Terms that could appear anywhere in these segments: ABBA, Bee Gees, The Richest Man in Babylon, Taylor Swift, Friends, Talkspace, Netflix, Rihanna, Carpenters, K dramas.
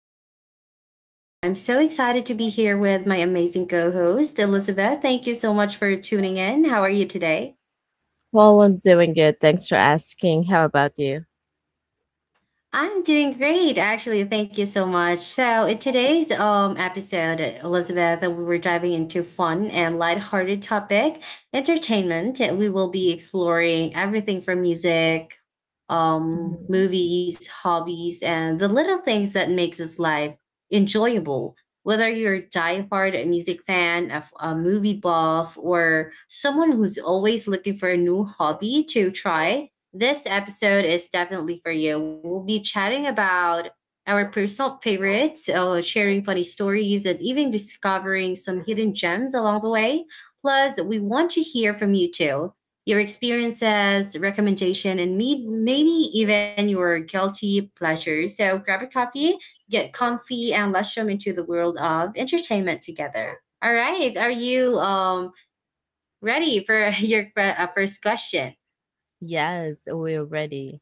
your host, Angela, and I'm so excited to be here with my amazing co host, Elizabeth. Thank you so much for tuning in. How are you today? Well, I'm doing good. Thanks for asking. How about you? I'm doing great, actually. Thank you so much. So, in today's episode, Elizabeth, we were diving into fun and lighthearted topic, entertainment. We will be exploring everything from music, Mhm. movies, hobbies, and the little things that makes us life enjoyable. Whether you're a diehard music fan, a movie buff, or someone who's always looking for a new hobby to try, this episode is definitely for you. We'll be chatting about our personal favorites, sharing funny stories, and even discovering some hidden gems along the way. Plus, we want to hear from you too. Your experiences, recommendation, and maybe even your guilty pleasure. So grab a coffee, get comfy, and let's jump into the world of entertainment together. All right, are you ready for your first question? Yes, we're ready.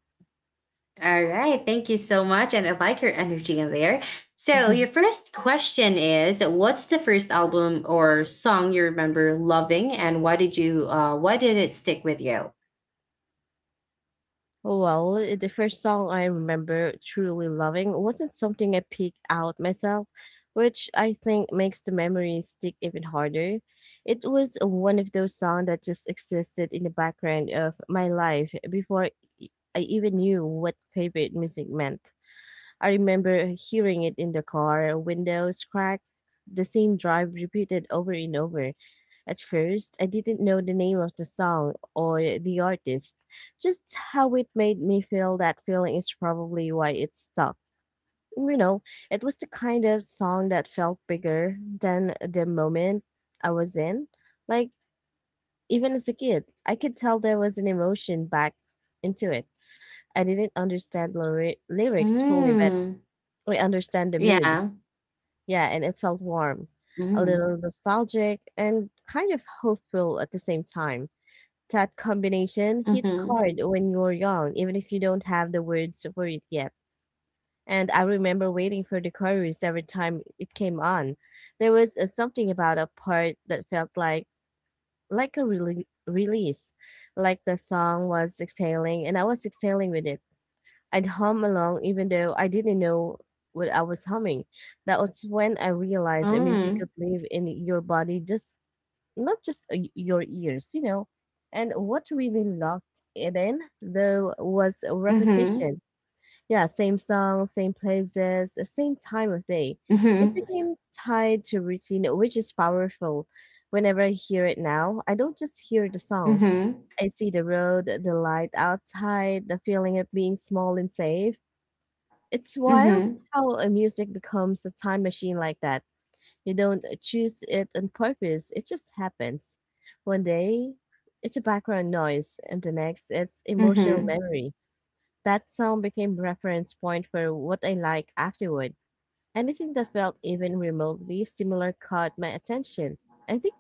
All right. Thank you so much. And I like your energy in there. So, your first question is, what's the first album or song you remember loving? And why did you, why did it stick with you? Well, the first song I remember truly loving wasn't something I picked out myself, which I think makes the memory stick even harder. It was one of those songs that just existed in the background of my life before I even knew what favorite music meant. I remember hearing it in the car, windows crack, the same drive repeated over and over. At first, I didn't know the name of the song or the artist. Just how it made me feel that feeling is probably why it stuck. You know, it was the kind of song that felt bigger than the moment I was in. Like, even as a kid, I could tell there was an emotion back into it. I didn't understand lyrics fully, but Hmm. I understand the Yeah. mood. Yeah, and it felt warm, Mm. a little nostalgic, and kind of hopeful at the same time. That combination hits Mm-hmm. hard when you're young, even if you don't have the words for it yet. And I remember waiting for the chorus every time it came on. There was something about a part that felt like a release, like the song was exhaling, and I was exhaling with it. I'd hum along even though I didn't know what I was humming. That was when I realized that music Mm. could live in your body, just not just your ears, you know. And what really locked it in, though, was Mm-hmm. repetition. Yeah, same song, same places, same time of day. It Mm-hmm. became tied to routine, which is powerful. Whenever I hear it now, I don't just hear the song. Mm-hmm. I see the road, the light outside, the feeling of being small and safe. It's wild Mm-hmm. how a music becomes a time machine like that. You don't choose it on purpose, it just happens. One day, it's a background noise, and the next, it's emotional Mm-hmm. memory. That song became reference point for what I like afterward. Anything that felt even remotely similar caught my attention. I think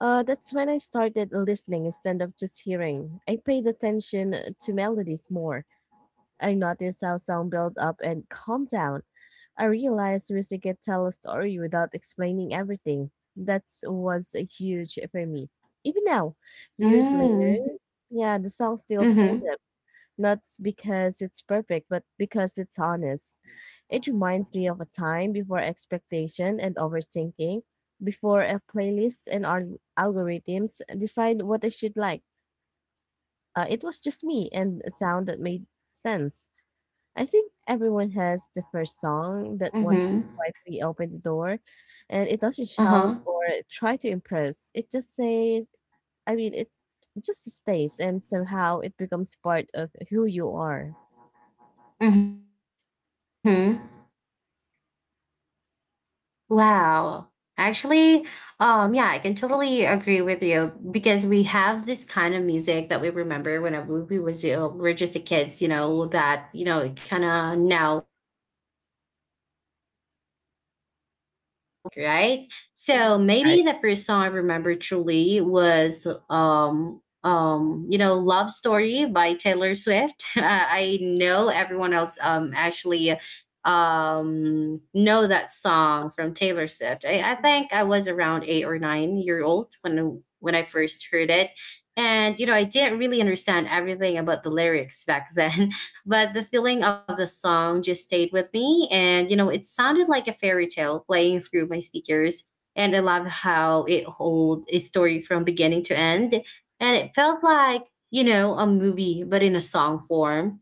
that's when I started listening instead of just hearing. I paid attention to melodies more. I noticed how sound built up and calmed down. I realized music can tell a story without explaining everything. That was a huge for me. Even now, years Mm. later, yeah, the song still holds Mm-hmm. up. Not because it's perfect, but because it's honest. It reminds me of a time before expectation and overthinking, before a playlist and algorithms decide what I should like. It was just me and a sound that made sense. I think everyone has the first song that one who Mhm. quietly opened the door, and it doesn't shout Uh-huh. or try to impress. It just says, it just stays, and somehow it becomes part of who you are. Mhm. Wow. Actually, yeah, I can totally agree with you because we have this kind of music that we remember whenever we was you we're just a kids, you know, that you know, kind of now, when you we hear it, it feels like nostalgic, right? So Mhm. maybe Right. the first song I remember truly was you know, Love Story by Taylor Swift. I know everyone else actually know that song from Taylor Swift. I think I was around 8 or 9 years old when I first heard it. And you know, I didn't really understand everything about the lyrics back then, but the feeling of the song just stayed with me. And you know, it sounded like a fairy tale playing through my speakers. And I love how it holds a story from beginning to end. And it felt like, you know, a movie, but in a song form.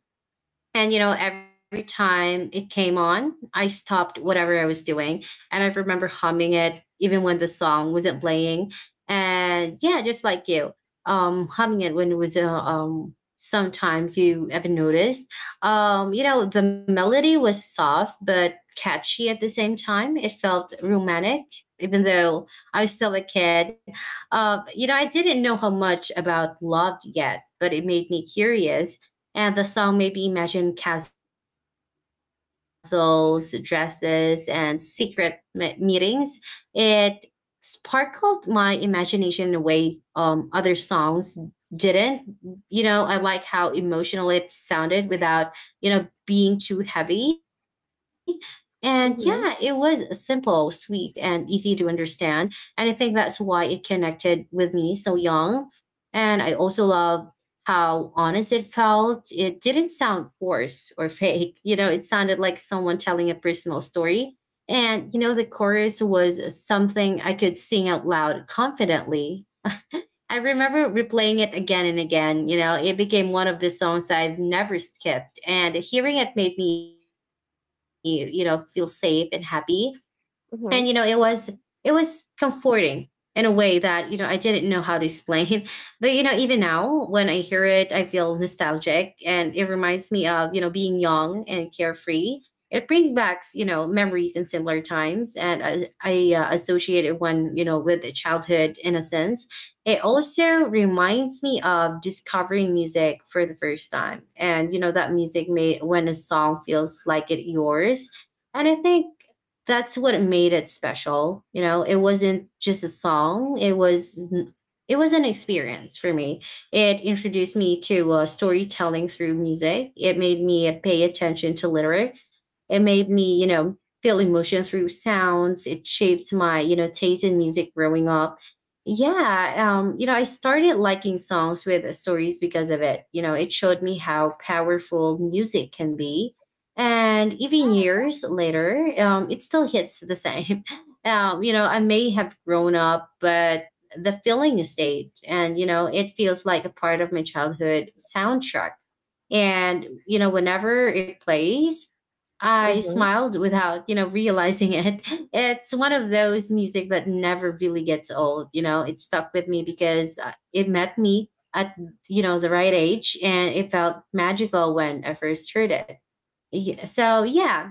And, you know, every time it came on, I stopped whatever I was doing. And I remember humming it even when the song wasn't playing. And yeah, just like you, humming it when it was, sometimes you ever noticed. You know, the melody was soft but catchy at the same time. It felt romantic, even though I was still a kid. You know, I didn't know how much about love yet, but it made me curious, and the song made me imagine castles, dresses, and secret meetings. It sparkled my imagination in a way other songs didn't. You know, I like how emotional it sounded without, you know, being too heavy. And yeah, it was Mhm, simple, sweet, and easy to understand. And I think that's why it connected with me so young. And I also love how honest it felt. It didn't sound forced or fake. You know, it sounded like someone telling a personal story. And, you know, the chorus was something I could sing out loud confidently. I remember replaying it again and again. You know, it became one of the songs I've never skipped. And hearing it made me, you know, feel safe and happy, and you know it was it mhm, was comforting in a way that you know I didn't know how to explain. But you know, even now when I hear it, I feel nostalgic, and it reminds me of, you know, being young and carefree. It brings back, you know, memories in similar times, and I associate it when you know with childhood innocence. It also reminds me of discovering music for the first time, and you know that music made when a song feels like it yours. And I think that's what made it special. You know, it wasn't just a song. It was an experience for me. It introduced me to storytelling through music. It made me pay attention to lyrics. It made me, you know, feel emotion through sounds. It shaped my, you know, taste in music growing up. Yeah, you know, I started liking songs with stories because of it. You know, it showed me how powerful music can be. And even years later, it still hits the same. You know, I may have grown up, but the feeling stayed, and you know it feels like a part of my childhood soundtrack. And you know, whenever it plays, I mhm, smiled without, you know, realizing it. It's one of those music that never really gets old. You know, it stuck with me because it met me at, you know, the right age, and it felt magical when I first heard it. Yeah, so yeah,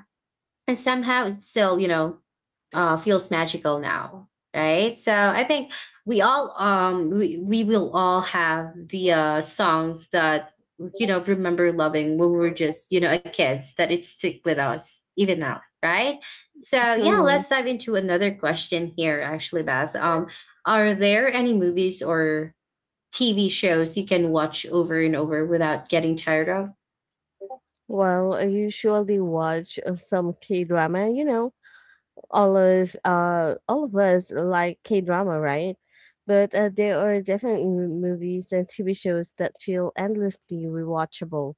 and somehow it still, you know, feels magical now, right? So I think we all, we will all have the songs that you know remember loving when we were just, you know, a kids, that it stick with us even now, right? So yeah, mhm. let's dive into another question here, actually, Beth. Are there any movies or TV shows you can watch over and over without getting tired of? Well, I usually watch some K drama, you know, all of us like K drama, right? But there are definitely movies and TV shows that feel endlessly rewatchable.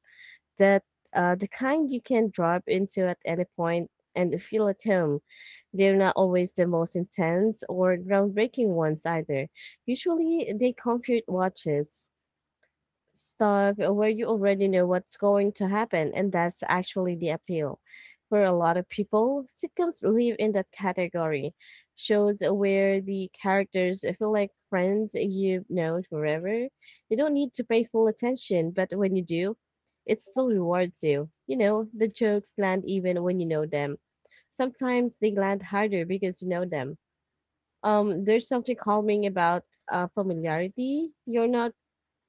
That the kind you can drop into at any point and feel at home. They're not always the most intense or groundbreaking ones either. Usually, they comfort watches stuff where you already know what's going to happen, and that's actually the appeal. For a lot of people, sitcoms live in that category. Shows where the characters feel like friends you've known forever. You don't need to pay full attention, but when you do, it still rewards you. You know, the jokes land even when you know them. Sometimes they land harder because you know them. There's something calming about familiarity. You're not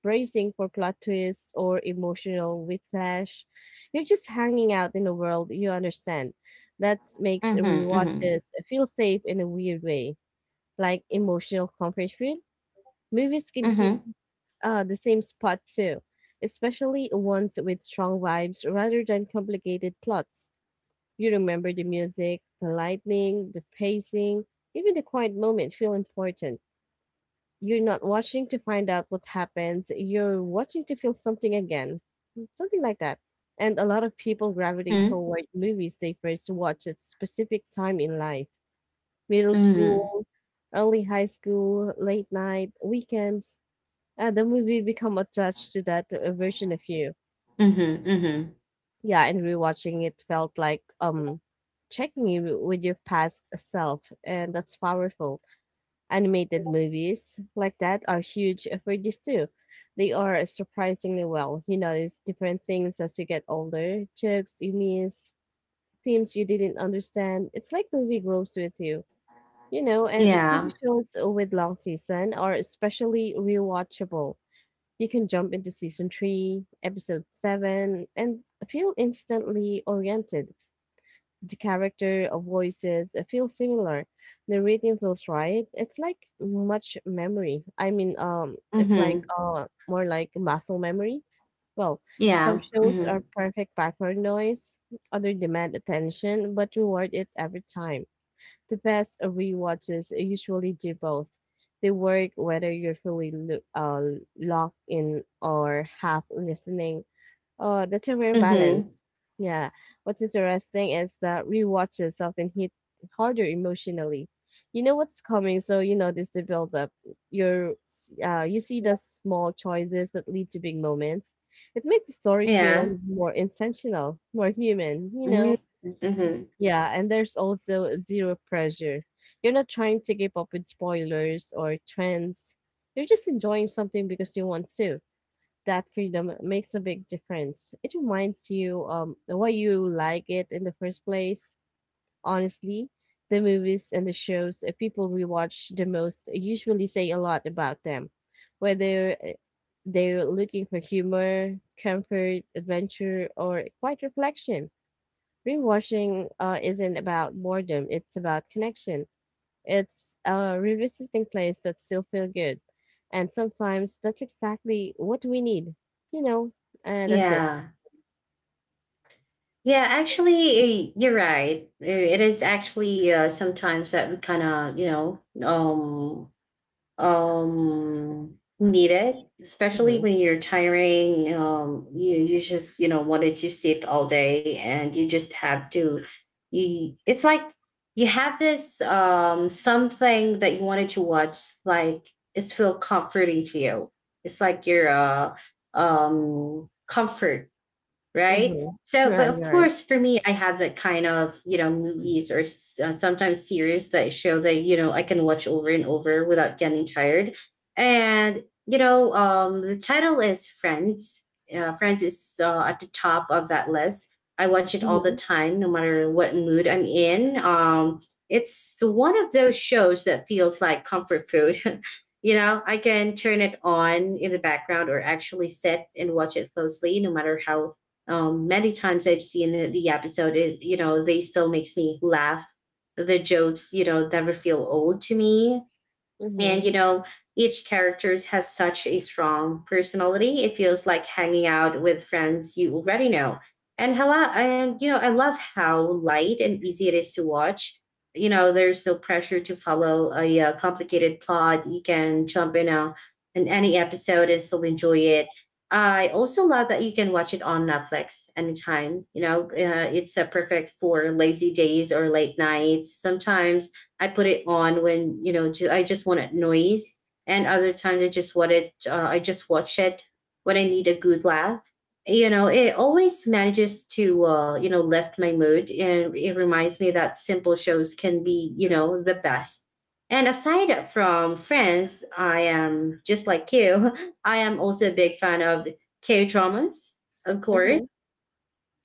bracing for plot twists or emotional whiplash. You're just hanging out in a world you understand. That makes Mm-hmm. Mm-hmm. rewatches feel safe in a weird way. Like emotional comfort food, movies can hit Mm-hmm. The same spot too, especially ones with strong vibes rather than complicated plots. You remember the music, the lighting, the pacing, even the quiet moments feel important. You're not watching to find out what happens. You're watching to feel something again. Something like that. And a lot of people gravitate Mm-hmm. toward movies they first watch at specific time in life. Middle Mm-hmm. school, early high school, late night, weekends. The movie become attached to that version of you. Mm-hmm. Mm-hmm. Yeah, and rewatching it felt like checking you with your past self, and that's powerful. Animated movies like that are huge for this too. They are surprisingly well. You notice different things as you get older, jokes you miss, themes you didn't understand. It's like movie grows with you. You know, and TV Yeah. shows with long season are especially rewatchable. You can jump into season 3, episode 7 and feel instantly oriented the character of voices feel similar. The rhythm feels right. It's like Mm-hmm. More like muscle memory. Well, some Yeah. shows Mm-hmm. are perfect background noise, other demand attention, but reward it every time. The best rewatches usually do both. They work whether you're fully locked in or half listening. Oh, that's a rare Mm-hmm. balance. Yeah. What's interesting is that rewatches often hit harder emotionally. You know what's coming, so you notice the buildup. You're, you see the small choices that lead to big moments. It makes the story Yeah. feel more intentional, more human, you know? Mm-hmm. Mm-hmm. Yeah, and there's also zero pressure. You're not trying to keep up with spoilers or trends. You're just enjoying something because you want to. That freedom makes a big difference. It reminds you why you like it in the first place. Honestly, the movies and the shows people rewatch the most usually say a lot about them, whether they're looking for humor, comfort, adventure, or quiet reflection. Rewatching isn't about boredom; it's about connection. It's a revisiting place that still feel good. And sometimes that's exactly what we need. You know, that's it. Yeah. Yeah, actually, you're right. It is actually sometimes that we kind of, you know, need it, especially Hmm. when you're tiring. You just you know wanted to sit all day, and you just have to. You it's like you have this something that you wanted to watch. Like it's feel comforting to you. It's like your comfort, right? Hmm. So, but Right, of you're right. course, for me, I have that kind of you know movies or sometimes series that show that you know I can watch over and over without getting tired. And you know, the title is Friends. Friends is at the top of that list. I watch it all the hmm time, no matter what mood I'm in. It's one of those shows that feels like comfort food. You know, I can turn it on in the background or actually sit and watch it closely, no matter how many times I've seen the episode. It, you know, they still makes me laugh. The jokes, you know, never feel old to me, and you hmm know each characters has such a strong personality. It feels like hanging out with friends you already know. And hello, and you know I love how light and easy it is to watch. You know, there's no pressure to follow a complicated plot. You can jump in any episode and still enjoy it. I also love that you can watch it on Netflix anytime, you know. It's perfect for lazy days or late nights. Sometimes I put it on when you know I just wanted noise, and other times I just wanted I just watch it when I need a good laugh. You know, it always manages to you know lift my mood, and it reminds me that simple shows can be, you know, the best. And aside from Friends, I am just like you. I am also a big fan of K dramas, of course. hmm.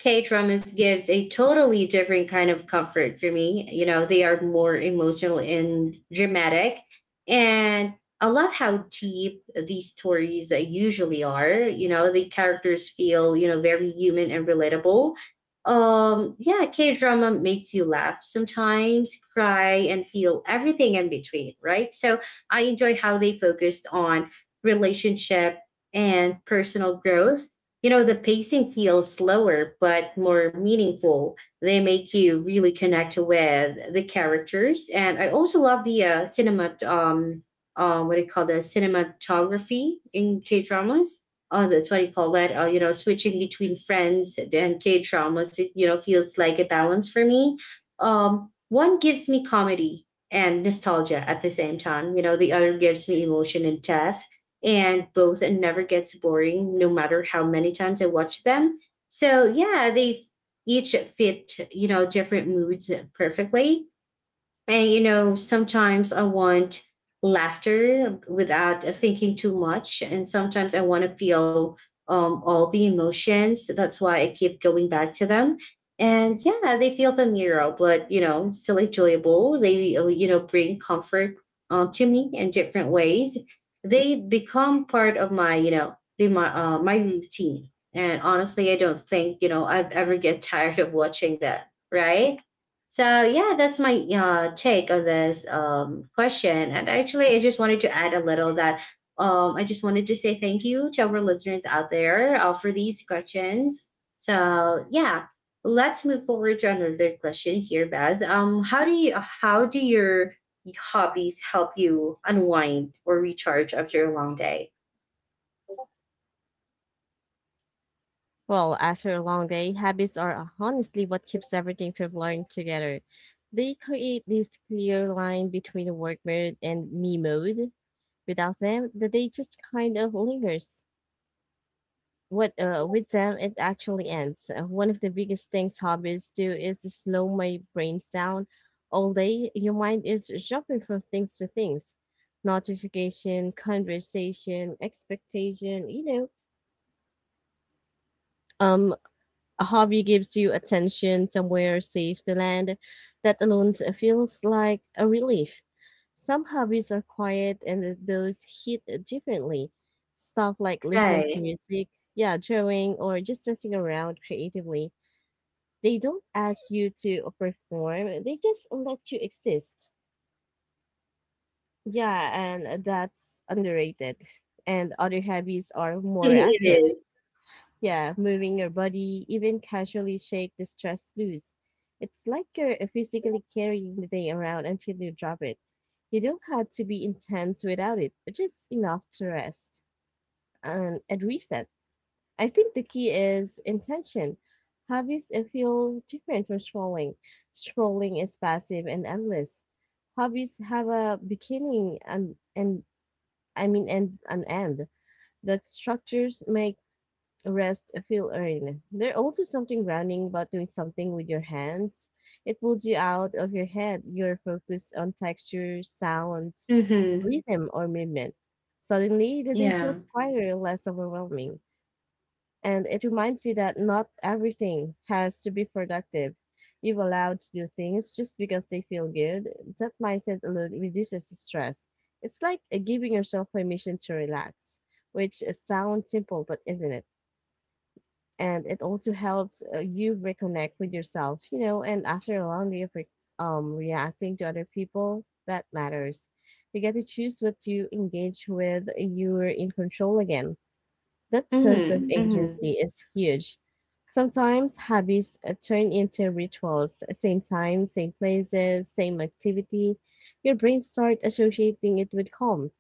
K dramas gives a totally different kind of comfort for me. You know, they are more emotional and dramatic. And I love how deep these stories usually are. You know, the characters feel, you know, very human and relatable. Yeah, K drama makes you laugh sometimes, cry, and feel everything in between, right? So I enjoy how they focused on relationship and personal growth. You know, the pacing feels slower but more meaningful. They make you really connect with the characters, and I also love the cinema. What do you call the cinematography in K dramas? Oh, that's what you call that. You know, switching between Friends and K dramas, it you know feels like a balance for me. One gives me comedy and nostalgia at the same time. You know, the other gives me emotion and depth, and both it never gets boring no matter how many times I watch them. So yeah, they each fit, you know, different moods perfectly. And you know, sometimes I want laughter without thinking too much, and sometimes I want to feel all the emotions. That's why I keep going back to them. And yeah, they feel familiar, but you know, still enjoyable. They bring comfort to me in different ways. They become part of my you know be my my routine. And honestly, I don't think I've ever get tired of watching that. Right? So yeah, that's my take on this question. And actually, I just wanted to add a little that I just wanted to say thank you to our listeners out there for these questions. So yeah, let's move forward to another question here, Beth. How do your hobbies help you unwind or recharge after a long day? Well, after a long day, habits are honestly what keeps everything from blurring together. They create this clear line between the work mode and me mode. Without them, the day just kind of lingers. What with them it actually ends. One of the biggest things hobbies do is to slow my brains down all day. Your mind is jumping from things to things, notification, conversation, expectation. Um, a hobby gives you attention somewhere safe to land. That alone feels like a relief. Some hobbies are quiet and those hit differently. Stuff like listening to Right, music, yeah, drawing, or just messing around creatively. They don't ask you to perform, they just let you exist. Yeah, and that's underrated. And other hobbies are more it active. is. Yeah, moving your body, even casually shake the stress loose. It's like you're physically carrying the thing around until you drop it. You don't have to be intense without it, but just enough to rest and reset. I think the key is intention. Hobbies feel different from scrolling. Scrolling is passive and endless. Hobbies have a beginning and I mean and an end that structures make rest feel earned. There's also something grounding about doing something with your hands. It pulls you out of your head, your focus on texture, sounds, Mm-hmm. rhythm, or movement. Suddenly, the day Yeah. feels quieter, less overwhelming, and it reminds you that not everything has to be productive. You've allowed to do things just because they feel good. That mindset alone reduces stress. It's like giving yourself permission to relax, which sounds simple, but isn't it? And it also helps you reconnect with yourself, you know, and after a long day of reacting to other people that matters, you get to choose what you engage with. You're in control again. That sense of Mm-hmm. agency is huge. Sometimes habits turn into rituals, same time, same places, same activity. Your brain starts associating it with calm.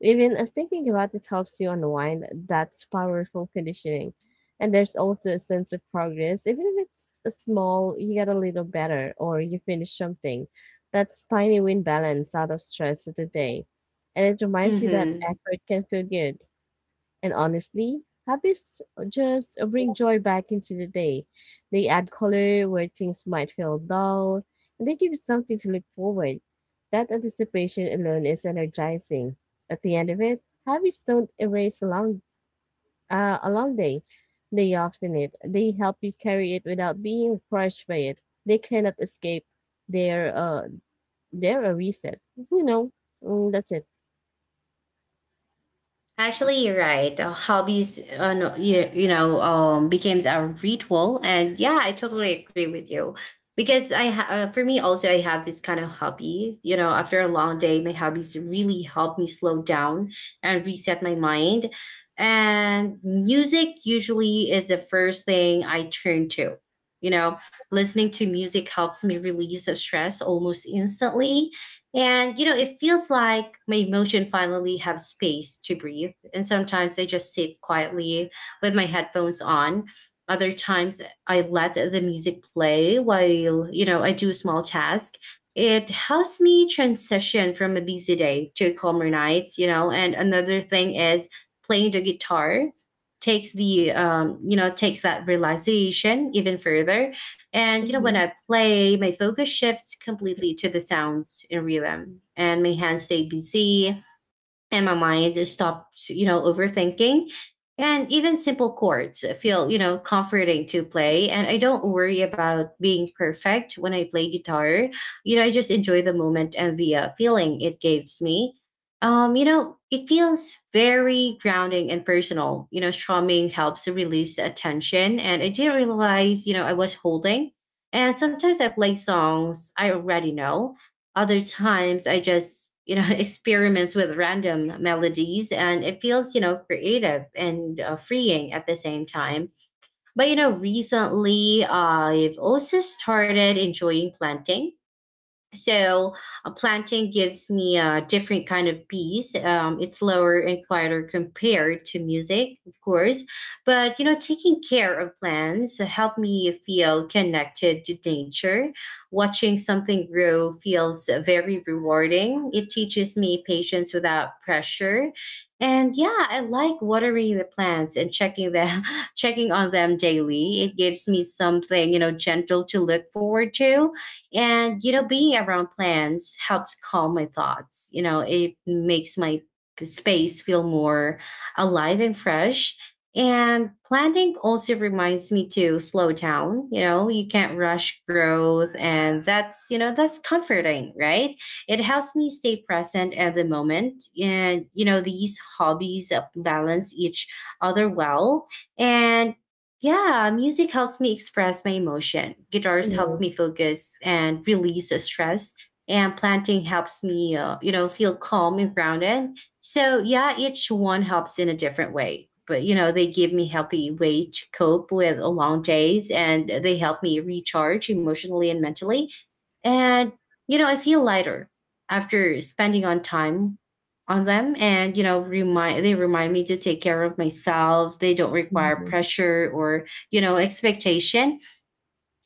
Even thinking about it helps you unwind. That's powerful conditioning. And there's also a sense of progress. Even if it's a small, you get a little better or you finish something. That's tiny win balance out of stress of the day. And it reminds you that Mm-hmm. effort can feel good. And honestly, habits just bring joy back into the day. They add color where things might feel dull, and they give you something to look forward. That anticipation alone is energizing. At the end of it, habits don't erase a long, a long day. They often it. They help you carry it without being crushed by it. They cannot escape their uh their a reset. You know, that's it. Actually, you're right. Hobbies, no, you know, becomes a ritual, and yeah, I totally agree with you. Because for me also, I have this kind of hobby. You know, after a long day, my hobbies really help me slow down and reset my mind. And music usually is the first thing I turn to. You know, listening to music helps me release the stress almost instantly and you know, it feels like my emotion finally have space to breathe. And sometimes I just sit quietly with my headphones on. Other times I let the music play while, you know, I do a small task. It helps me transition from a busy day to a calmer night, you know. And another thing is playing the guitar takes the takes that realization even further, and you know, when Mhm. I play, my focus shifts completely to the sound and rhythm, and my hands stay busy, and my mind stops, you know, overthinking. And even simple chords feel, you know, comforting to play. And I don't worry about being perfect when I play guitar. You know, I just enjoy the moment and the feeling it gives me. You know, it feels very grounding and personal. You know, strumming helps to release the tension. And I didn't realize, you know, I was holding. And sometimes I play songs I already know, other times I just, you know, experiments with random melodies and it feels, you know, creative and freeing at the same time. But, you know, recently I've also started enjoying planting, so a planting gives me a different kind of peace. It's lower and quieter compared to music, of course. But you know, taking care of plants help me feel connected to nature. Watching something grow feels very rewarding. It teaches me patience without pressure. And yeah, I like watering the plants and checking them, checking on them daily. It gives me something, you know, gentle to look forward to, and, you know, being around plants helps calm my thoughts. You know, it makes my space feel more alive and fresh. And planting also reminds me to slow down. You know, you can't rush growth. And that's, you know, that's comforting, right? It helps me stay present at the moment. And, you know, these hobbies balance each other well. And yeah, music helps me express my emotion. Guitars help me Mhm. focus and release the stress. And planting helps me, you know, feel calm and grounded. So, yeah, each one helps in a different way. But, you know, they give me healthy way to cope with a long days and they help me recharge emotionally and mentally. And, you know, I feel lighter after spending on time on them, and you know remind they remind me to take care of myself. They don't require Mhm. pressure or, you know, expectation.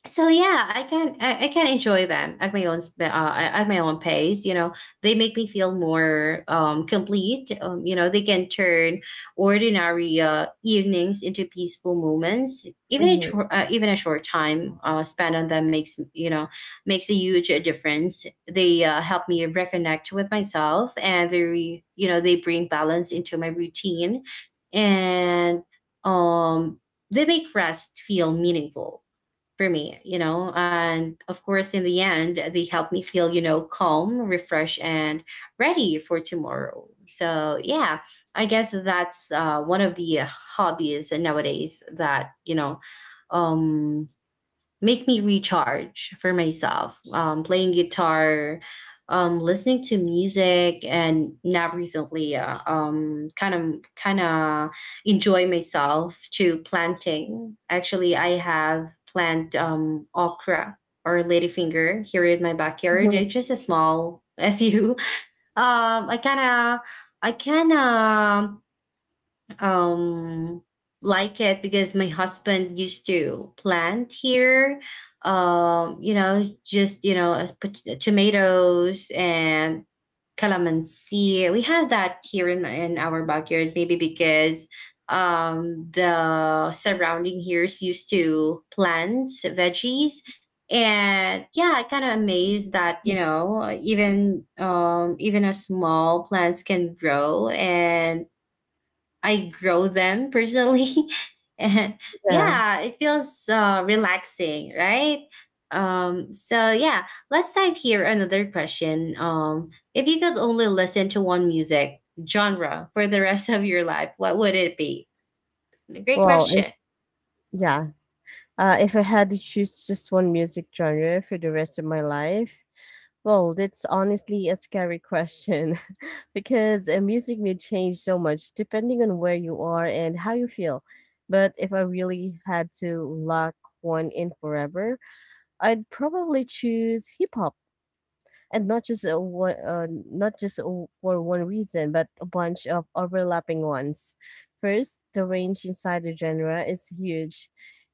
So yeah, I can enjoy them at my own at my own pace, you know. They make me feel more complete. You know, they can turn ordinary evenings into peaceful moments. Even a Mhm. Even a short time spent on them makes, you know, makes a huge difference. They help me reconnect with myself, and you know they bring balance into my routine, and um they make rest feel meaningful for me, you know. And of course, in the end, they help me feel, you know, calm, refreshed, and ready for tomorrow. So, yeah, I guess that's one of the hobbies nowadays that, you know, um, make me recharge for myself. Playing guitar, listening to music, and now recently, kind of enjoy myself to planting. Actually, I have plant okra or ladyfinger here in my backyard. Mhm. It's just a small a few. Um, I kind of I kind of um like it because my husband used to plant here. You know, put tomatoes and calamansi. We have that here in our backyard, maybe because the surrounding years used to plant veggies. And yeah, I kind of amazed that you know even a small plants can grow, and I grow them personally. And Yeah. yeah, it feels relaxing, right? So yeah, let's dive here another question. If you could only listen to one music genre for the rest of your life, what would it be? Great Well, and question. yeah, if I had to choose just one music genre for the rest of my life, well, that's honestly a scary question because music may change so much depending on where you are and how you feel. But if I really had to lock one in forever, I'd probably choose hip hop, and not just for one reason, but a bunch of overlapping ones. First, the range inside the genre is huge.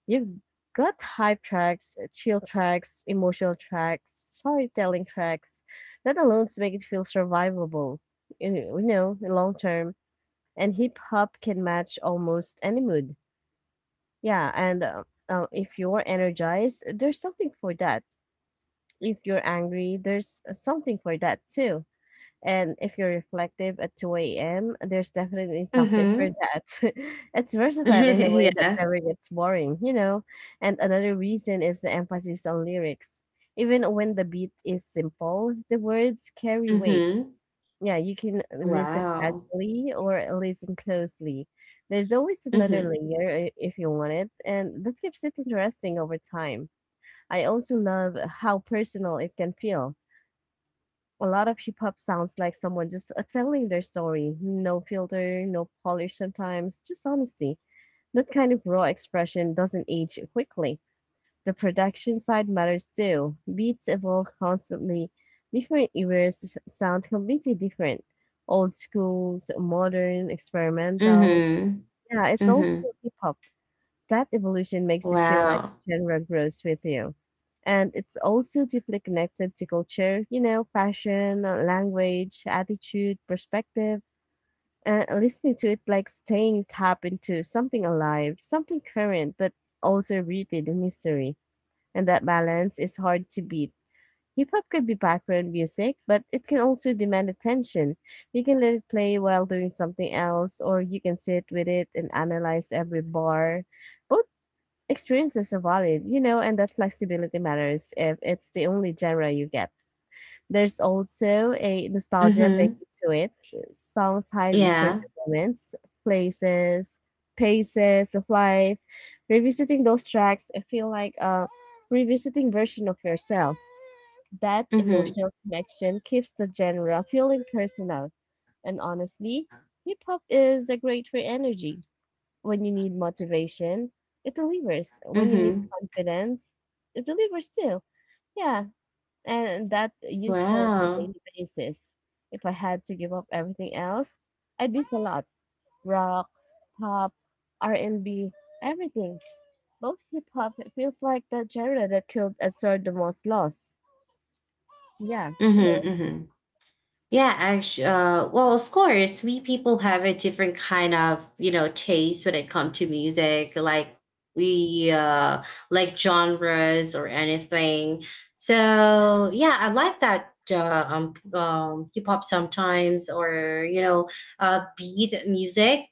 You've got hype tracks, chill tracks, emotional tracks, storytelling tracks. That alone to make it feel survivable, you know, long term. And hip hop can match almost any mood. Yeah, and if you're energized, there's something for that. If you're angry, there's something for that too, and if you're reflective at 2 a.m., there's definitely something for Mm-hmm. that. It's versatile in a way that yeah. never gets boring, you know? And another reason is the emphasis on lyrics. Even when the beat is simple, the words carry weight. Mm-hmm. Yeah, you can listen Wow. casually or listen closely. There's always another Mm-hmm. layer if you want it, and that keeps it interesting over time. I also love how personal it can feel. A lot of hip hop sounds like someone just telling their story. No filter, no polish sometimes, just honesty. That kind of raw expression doesn't age quickly. The production side matters too. Beats evolve constantly. Different eras sound completely different. Old schools, modern, experimental. Mm-hmm. Yeah, it's all Mm-hmm. still hip hop. That evolution makes it feel like Wow. the genre grows with you. And it's also deeply connected to culture, you know, fashion, language, attitude, perspective. And listening to it like staying tapped into something alive, something current, but also rooted in history. And that balance is hard to beat. Hip hop could be background music, but it can also demand attention. You can let it play while doing something else, or you can sit with it and analyze every bar. Both experiences are valid, you know, and that flexibility matters if it's the only genre you get. There's also a nostalgia baked Mm-hmm. to it, song tied with certain Yeah. moments, places, paces of life. Revisiting those tracks, I feel like a revisiting version of yourself. That Mm-hmm. emotional connection keeps the genre feeling personal. And honestly, hip hop is a great for energy. When you need motivation, it delivers. When you need Mm-hmm. confidence, it delivers too. Yeah, and that's useful on a Wow. daily basis. If I had to give up everything else, I do a lot. Rock, pop, R&B, everything. Both hip hop it feels like the genre that could absorb the most loss. Yeah, you know. Mm-hmm. Mm-hmm. Yeah, actually, well, of course, we people have a different kind of, you know, taste when it comes to music, like we like genres or anything. So yeah, I like that hip hop sometimes, or you know, beat music.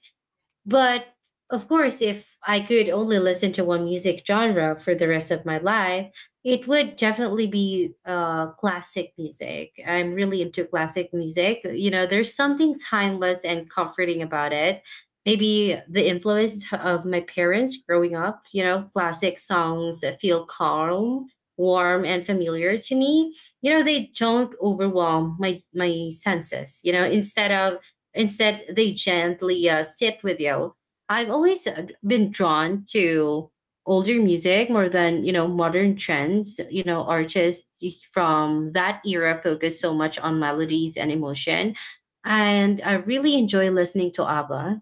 But of course, if I could only listen to one music genre for the rest of my life, it would definitely be classic music. I'm really into classic music. You know, there's something timeless and comforting about it. Maybe the influence of my parents growing up, you know, classic songs that feel calm, warm, and familiar to me. You know, they don't overwhelm my senses. You know, instead, they gently sit with you. I've always been drawn to older music more than, you know, modern trends. You know, artists from that era focus so much on melodies and emotion. And I really enjoy listening to ABBA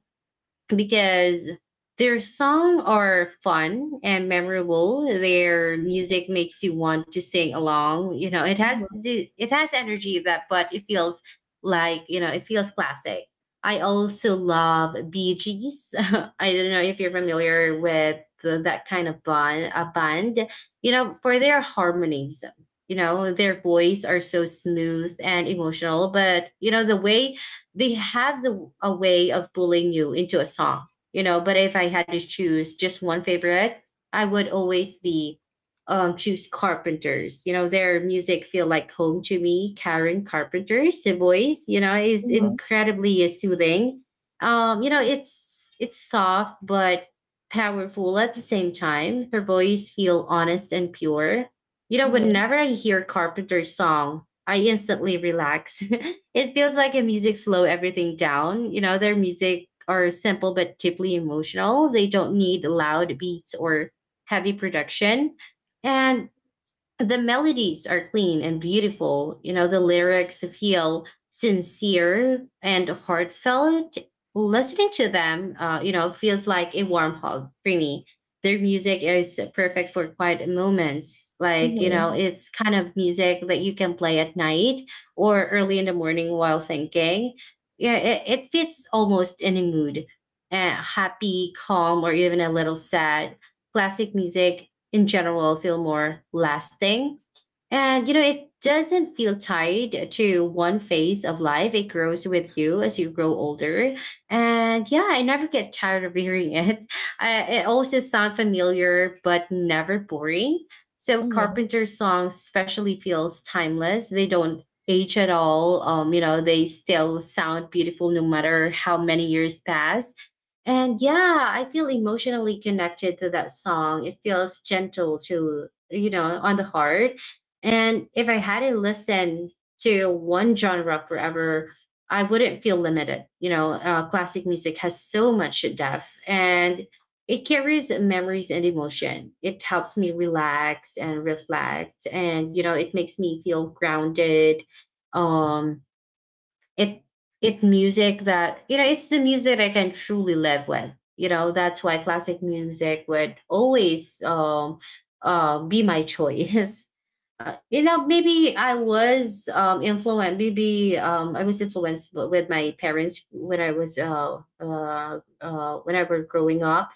because their songs are fun and memorable. Their music makes you want to sing along. You know, Mhm, it has energy that, but it feels like you know it feels classic. I also love Bee Gees. I don't know if you're familiar with that kind of band. A band, you know, for their harmonies. You know, their voice are so smooth and emotional, but you know the way they have the a way of pulling you into a song, you know. But if I had to choose just one favorite, I would always be choose Carpenters. You know, their music feel like home to me. Karen Carpenter's voice, you know, is mhm, incredibly soothing. You know, it's soft but powerful at the same time. Her voice feel honest and pure. You know, mhm, whenever I hear Carpenter's song, I instantly relax. it feels like a music slow everything down. You know, their music are simple but deeply emotional. They don't need loud beats or heavy production. And the melodies are clean and beautiful. You know, the lyrics feel sincere and heartfelt. Listening to them, you know, feels like a warm hug for me. Their music is perfect for quiet moments. Like, you know, mhm, it's kind of music that you can play at night or early in the morning while thinking. Yeah, it fits almost any mood, happy, calm, or even a little sad. Classic music in general feel more lasting. And you know, it doesn't feel tied to one phase of life. It grows with you as you grow older. And yeah, I never get tired of hearing it. I, it also sounds familiar, but never boring. So mhm, carpenter songs especially feels timeless. They don't age at all. You know, they still sound beautiful no matter how many years pass. And yeah, I feel emotionally connected to that song. It feels gentle to, you know, on the heart. And if I hadn't listened to one genre forever, I wouldn't feel limited. You know, classic music has so much depth and it carries memories and emotion. It helps me relax and reflect. And, you know, it makes me feel grounded. Um, it it music that you know it's the music I can truly live with, you know. That's why classic music would always be my choice. You know, maybe I was influenced, maybe I was influenced with my parents when I was whenever growing up.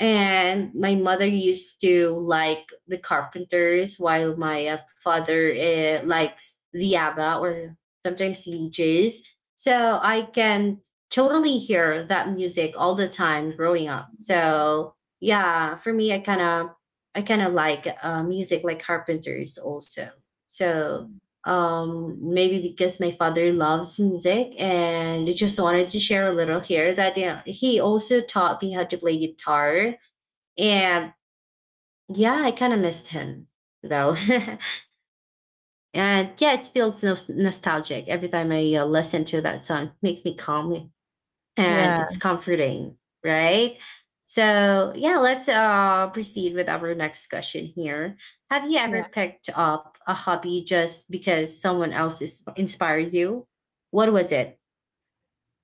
And my mother used to like the carpenters, while my father likes the abba or sometimes leeches. So I can totally hear that music all the time growing up. mhm, So yeah, for me, I kind of like music like Carpenters also. So mhm. Maybe because my father loves music, and I just wanted to share a little here that yeah, he also taught me how to play guitar. And yeah, I kind of missed him though. And yeah, it feels nostalgic every time I listen to that song. Makes me calm and Yeah. it's comforting, right? So yeah, let's proceed with our next question here. Have you ever picked up a hobby just because someone inspires you? What was it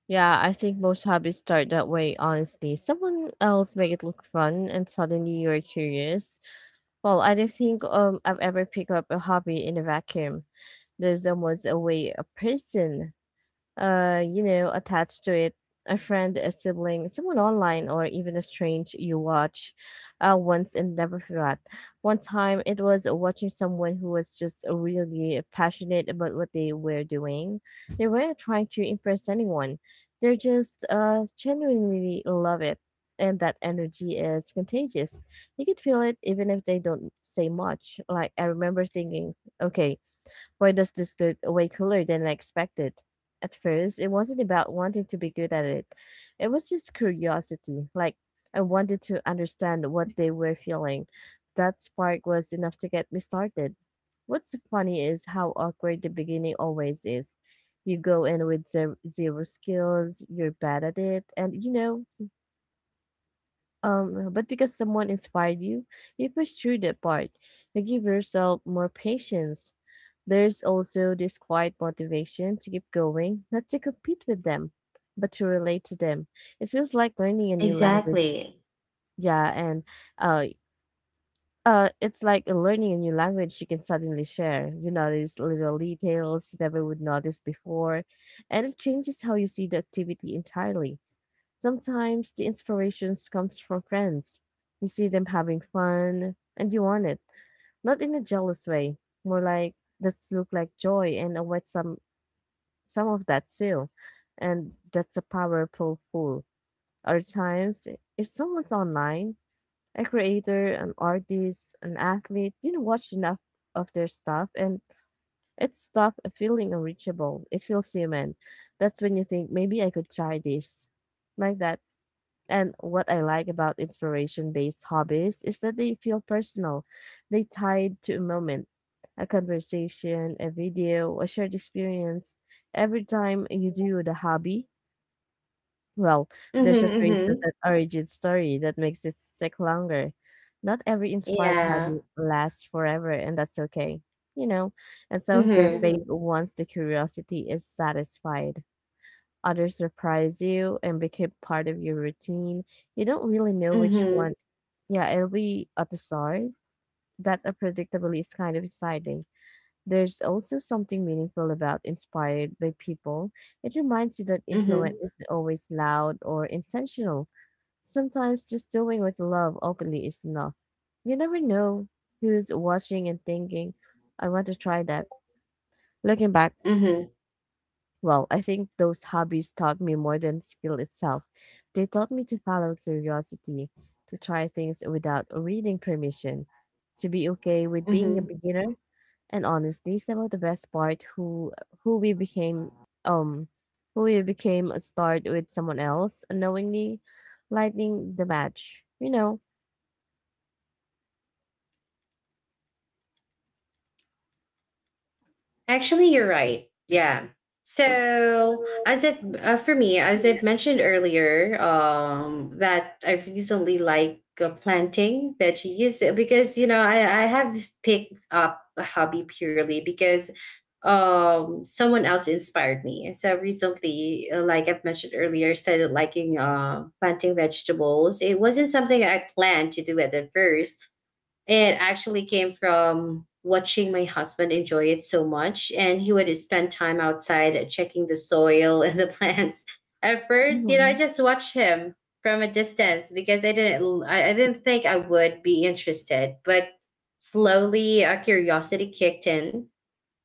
Yeah, I think most hobbies start that way, honestly. Someone else make it look fun and suddenly you're curious. Well, I don't think I've ever picked up a hobby in a vacuum. There's almost a way a person you know, attached to it, a friend, a sibling, someone online, or even a strange you watch once and never forgot. One time it was watching someone who was just really passionate about what they were doing. They weren't trying to impress anyone, they're just genuinely love it. And that energy is contagious. You could feel it even if they don't say much. Like, I remember thinking, okay, why does this look way cooler than I expected? At first, it wasn't about wanting to be good at it. It was just curiosity. Like, I wanted to understand what they were feeling. That spark was enough to get me started. What's funny is how awkward the beginning always is. You go in with zero skills, you're bad at it, and you know, but because someone inspired you, you push through that part. You give yourself more patience. There's also this quiet motivation to keep going, not to compete with them, but to relate to them. It feels like learning a new language. exactly? Yeah, and uh, it's like learning a new language you can suddenly share. You notice little details you never would notice before, and it changes how you see the activity entirely. Sometimes the inspirations comes from friends. You see them having fun, and you want it, not in a jealous way, more like that's look like joy and await some of that too. And that's a powerful tool. Other times, if someone's online, a creator, an artist, an athlete, you know, watch enough of their stuff and it's stuff feeling unreachable. It feels human. That's when you think maybe I could try this. Like that. And what I like about inspiration based hobbies is that they feel personal. They tied to a moment, a conversation, a video, a shared experience. Every time you do the hobby, well, Mm-hmm, there's a trace of that mm-hmm. origin story that makes it stick longer. Not every inspired Yeah. hobby lasts forever, and that's okay. You know, and some of them mhm Mm-hmm. fade once the curiosity is satisfied, others surprise you and become part of your routine. You don't really know which Mm-hmm. one, yeah, it'll be at the start. That unpredictability is kind of exciting. There's also something meaningful about inspired by people. It reminds you that influence Mm-hmm. isn't always loud or intentional. Sometimes just doing what you love openly is enough. You never know who's watching and thinking, I want to try that. Looking back, Mm-hmm. well, I think those hobbies taught me more than skill itself. They taught me to follow curiosity, to try things without reading permission, to be okay with being a Mm-hmm. beginner, and honestly, some of the best part who we became um who we became a start with someone else unknowingly lighting the match, you know. Actually, you're right. Yeah. So, as it for me, as I've mentioned earlier, that I recently like planting veggies because you know, I have picked up a hobby purely because someone else inspired me. So recently, like I've mentioned earlier, started liking planting vegetables. It wasn't something I planned to do at the first, it actually came from watching my husband enjoy it so much, and he would spend time outside checking the soil and the plants. At first, you know, I Mhm. just watched him from a distance because I didn't think I would be interested. But slowly, our curiosity kicked in,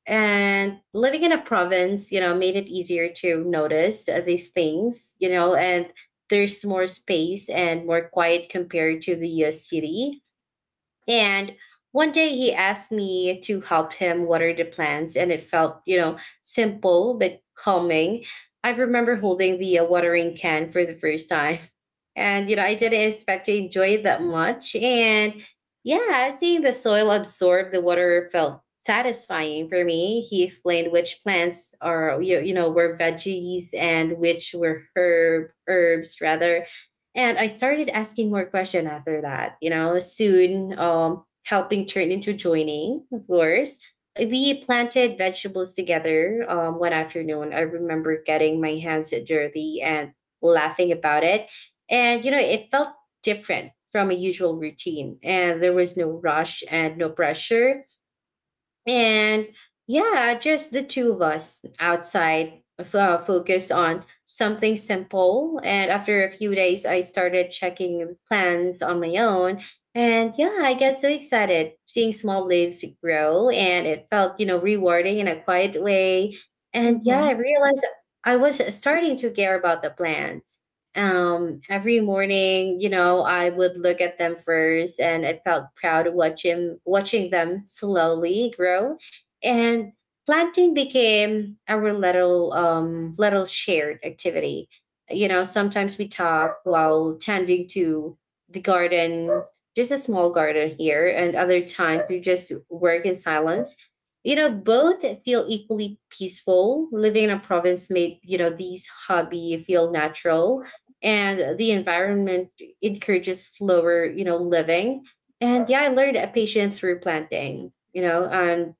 and living in a province, you know, made it easier to notice these things, you know, and there's more space and more quiet compared to the city. And one day he asked me to help him water the plants, and it felt, you know, simple but calming. I remember holding the watering can for the first time. And, you know, I didn't expect to enjoy it that much. And yeah, seeing the soil absorb the water felt satisfying for me. He explained which plants are, you know, were veggies and which were herbs rather, and I started asking more questions after that. You know, soon helping turned into joining, of course. We planted vegetables together one afternoon. I remember getting my hands dirty and laughing about it. And, you know, it felt different from a usual routine. And there was no rush and no pressure. And yeah, just the two of us outside, focus on something simple. And after a few days, I started checking plans on my own. And yeah, I get so excited seeing small leaves grow. And it felt, you know, rewarding in a quiet way. And yeah, I Mhm. realized I was starting to care about the plants. Every morning, you know, I would look at them first, and I felt proud of watching them slowly grow. And planting became our little shared activity. You know, sometimes we talk while tending to the garden, just a small garden here, and other times we just work in silence. You know, both feel equally peaceful. Living in a province made, you know, these hobby feel natural, and the environment encourages slower, you know, living. And yeah, I learned patience through planting, you know, and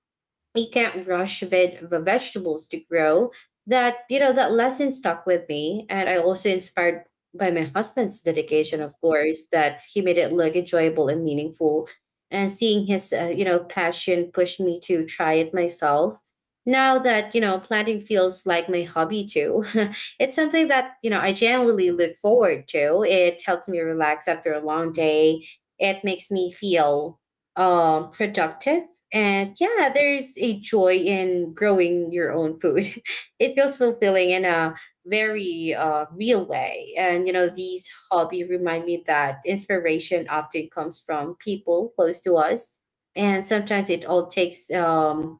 you can't rush the vegetables to grow. That, you know, that lesson stuck with me. And I also inspired by my husband's dedication, of course, that he made it look enjoyable and meaningful. And seeing his you know, passion pushed me to try it myself. Now that, you know, planting feels like my hobby too. It's something that, you know, I genuinely look forward to. It helps me relax after a long day. It makes me feel productive. And yeah, there's a joy in growing your own food. It feels fulfilling in a very real way. And you know, these hobby remind me that inspiration often comes from people close to us, and sometimes it all takes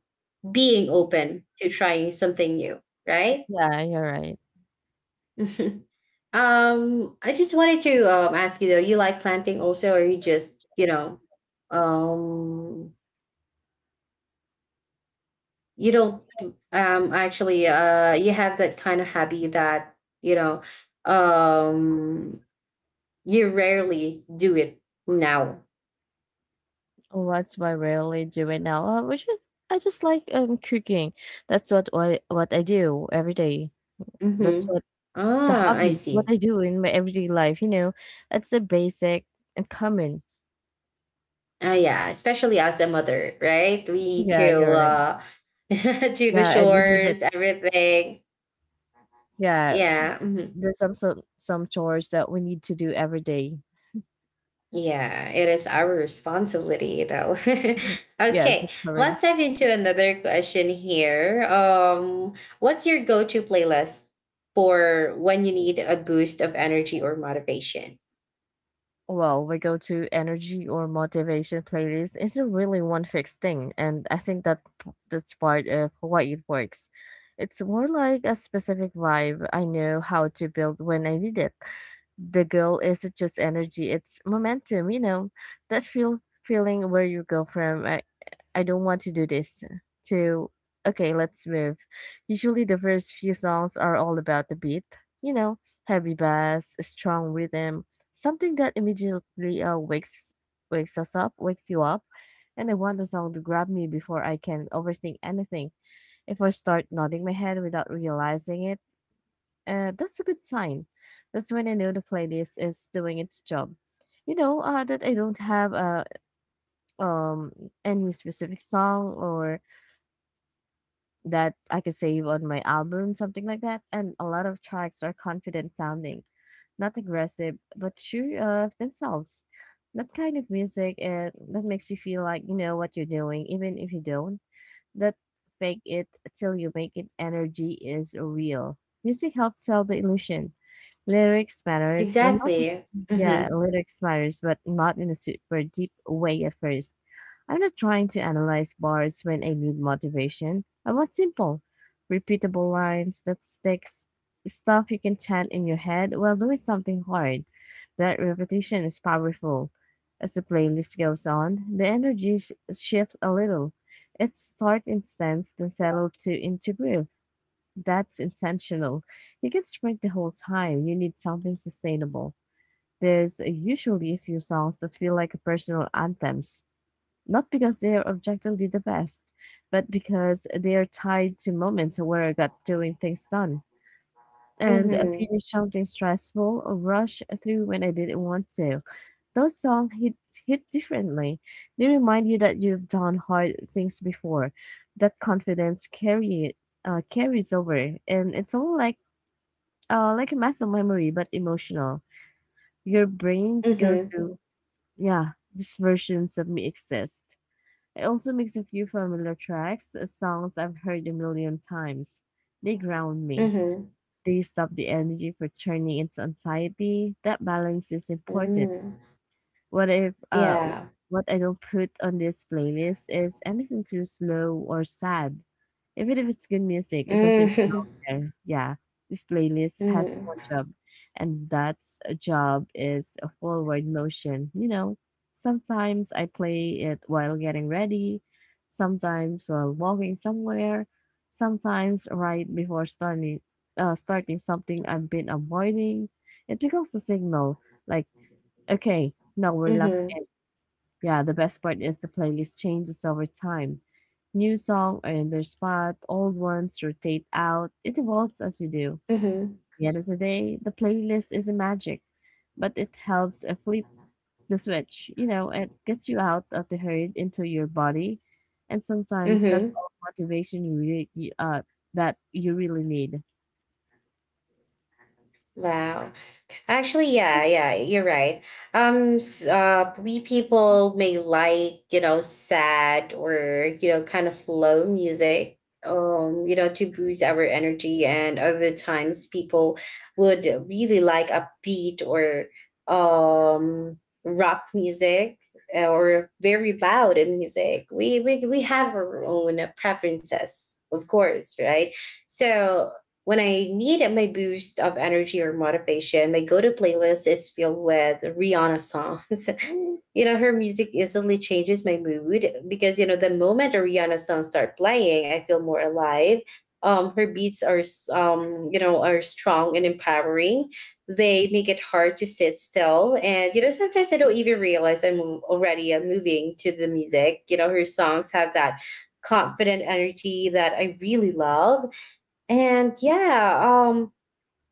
being open to trying something new, right? Yeah, you're right. I just wanted to ask you though, you like planting also, or you just, you know, um you don't, actually you have that kind of hobby that, you know, um you rarely do it now? What's my why I rarely do now. I just like cooking. That's what I do every day. Mm-hmm. That's what the Ah, I hobbies see. what I do in my everyday life. You know, it's a basic and common. Ah, yeah, especially as a mother, right? We need Yeah, to you're right. Do the Yeah, and we need it. chores, everything. Yeah, Yeah, mhm. there's some some chores that we need to do every day. Yeah, it is our responsibility though. Mhm. Yeah, as a Okay, let's parent. dive into another question here. What's your go-to playlist for when you need a boost of energy or motivation? Well, we go to energy or motivation playlist isn't really one fixed thing, and I think that that's part of why it works. It's more like a specific vibe I know how to build when I need it. The goal isn't just energy, it's momentum, you know, that feeling where you go from I don't want to do this, to okay, let's move. Usually, the first few songs are all about the beat, you know, heavy bass, a strong rhythm, something that immediately wakes us up, wakes you up. And I want the song to grab me before I can overthink anything. If I start nodding my head without realizing it, that's a good sign. That's when I know the playlist is doing its job. You know that I don't have a um any specific song or that I could save on my album, something like that. And a lot of tracks are confident sounding, not aggressive, but sure of themselves. That kind of music and that makes you feel like you know what you're doing, even if you don't. That fake it till you make it energy is real. Music helps sell the illusion. Exactly. Mhm. Lyrics matters, but not in a super deep way at first. I'm not trying to analyze bars when I need motivation. I want simple, repeatable lines that sticks, stuff you can chant in your head while doing something hard. That repetition is powerful. As the playlist goes on, the energy shifts a little. It starts intense, then settle to into groove. That's intentional. You can sprint the whole time. You need something sustainable. There's usually a few songs that feel like personal anthems, not because they're objectively the best, but because they're tied to moments where I got doing things done. And I Mhm. finished something stressful or rush through when I didn't want to. Those songs hit differently. They remind you that you've done hard things before. That carries over. And it's all like a muscle memory, but emotional. Your brains goes Mhm. to, yeah, these versions of me exist. It also makes a few familiar tracks, songs I've heard a million times. They ground me. Mhm. They stop the energy for turning into anxiety. That balance is important. Mm. What if uh Yeah. what I don't put on this playlist is anything too slow or sad. Even if it's good music, it doesn't belong there. Yeah. This playlist has Mhm. one job and that job is a forward motion. You know, sometimes I play it while getting ready, sometimes while walking somewhere, sometimes right before starting something I've been avoiding. It becomes a signal like, "Okay, now we're locked in." Mhm. Yeah, the best part is the playlist changes over time. New song are in their spot, old ones rotate out. It evolves as you do. At Mhm. the end of the day, the playlist isn't magic, but it helps flip the switch. It gets you out of the herd into your body, and sometimes Mhm. that's Mhm. all motivation you really, that you really need. Wow. Actually, yeah, yeah, you're right. We people may like, you know, sad or, you know, kind of slow music, you know, to boost our energy. And other times people would really like upbeat or um rock music, or very loud music. We have our own preferences, of course, right? So when I need my boost of energy or motivation, my go to playlist is filled with Rihanna songs. You know, her music instantly changes my mood because, you know, the moment a Rihanna song start playing, I feel more alive. Her beats are, you know, are strong and empowering. They make it hard to sit still. And, you know, sometimes I don't even realize I'm already moving to the music. You know, her songs have that confident energy that I really love. And yeah, um,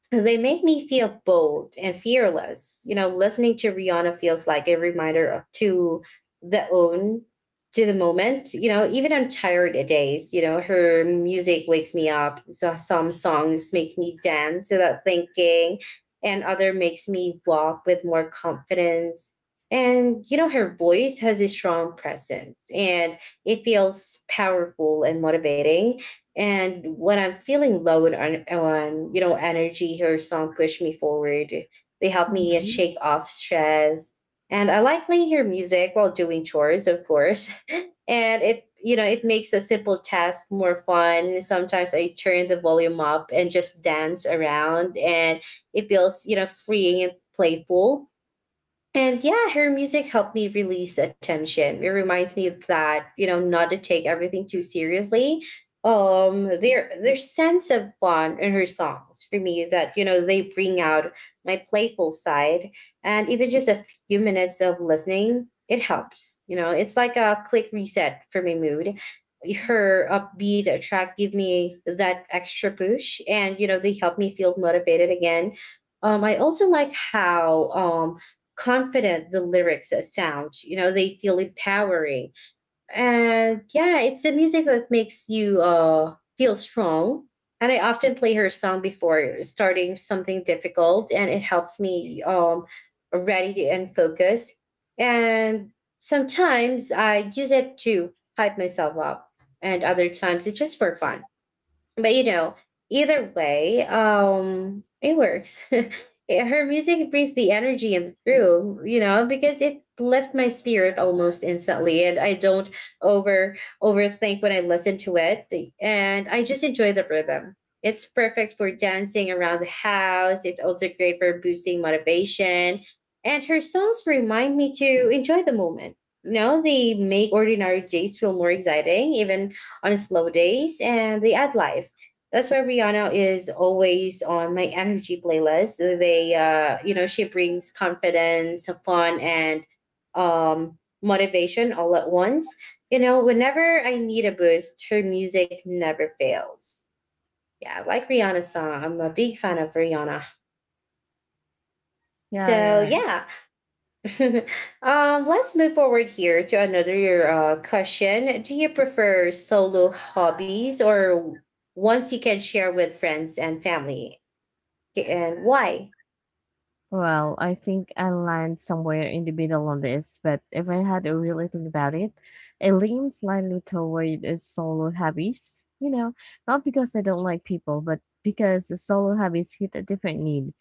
they make me feel bold and fearless. You know, listening to Rihanna feels like a reminder to the own, to the moment. You know, even on tired days, you know, her music wakes me up. So some songs make me dance without thinking, and other makes me walk with more confidence. And you know, her voice has a strong presence, and it feels powerful and motivating. And when I'm feeling low on, you know, energy, her song push me forward. They help me shake off stress. And I like playing her music while doing chores, of course. And it, you know, it makes a simple task more fun. Sometimes I turn the volume up and just dance around, and it feels, you know, freeing and playful. And yeah, her music helped me release attention. It reminds me that, you know, not to take everything too seriously. Their sense of fun in her songs for me that, you know, they bring out my playful side. And even just a few minutes of listening, it helps. You know, it's like a quick reset for my mood. Her upbeat track give me that extra push, and you know, they help me feel motivated again. I also like how confident the lyrics sound. You know, they feel empowering. And yeah, it's the music that makes you feel strong. And I often play her song before starting something difficult, and it helps me and focus. And sometimes I use it to hype myself up, and other times it's just for fun. But you know, either way, it works. Eh, her music brings the energy and through, you know, because it left my spirit almost instantly, and I don't over overthink when I listen to it, and I just enjoy the rhythm. It's perfect for dancing around the house. It's also great for boosting motivation, and her songs remind me to enjoy the moment. You know, they make ordinary days feel more exciting, even on slow days, and they add life. That's why Rihanna is always on my energy playlist. They, you know, she brings confidence, fun, and motivation all at once. You know, whenever I need a boost, her music never fails. Yeah, I like Rihanna's song. I'm a big fan of Rihanna. Yeah, you're So right. yeah, let's move forward here to another question. Do you prefer solo hobbies or ones you can share with friends and family, and why? Well, I think I land somewhere in the middle on this, but if I had to really think about it, I lean slightly toward solo hobbies. You know, not because I don't like people, but because the solo hobbies hit a different need.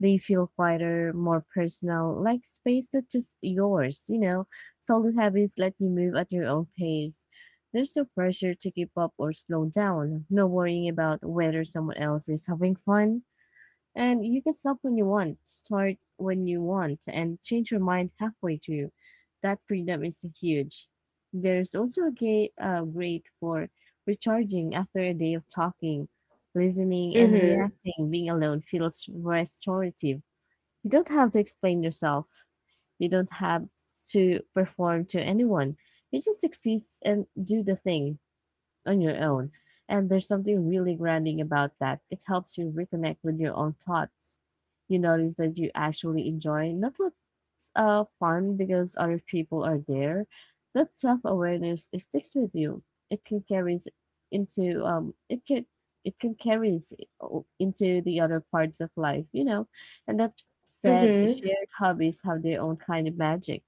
They feel quieter, more personal, like space that's just yours. You know, solo hobbies let you move at your own pace. There's no pressure to keep up or slow down, no worrying about whether someone else is having fun, and you can stop when you want, start when you want, and change your mind halfway through. That freedom is huge. There's also a great, great for recharging after a day of talking, listening, and Mm-hmm. reacting. Being alone feels restorative. You don't have to explain yourself. You don't have to perform to anyone. You just exist and do the thing on your own. And there's something really grounding about that. It helps you reconnect with your own thoughts. You notice that you actually enjoy not what's fun because other people are there. That self awareness it sticks with you. It can carry into it can carries into the other parts of life, you know. And that said, Mm-hmm. shared hobbies have their own kind of magic.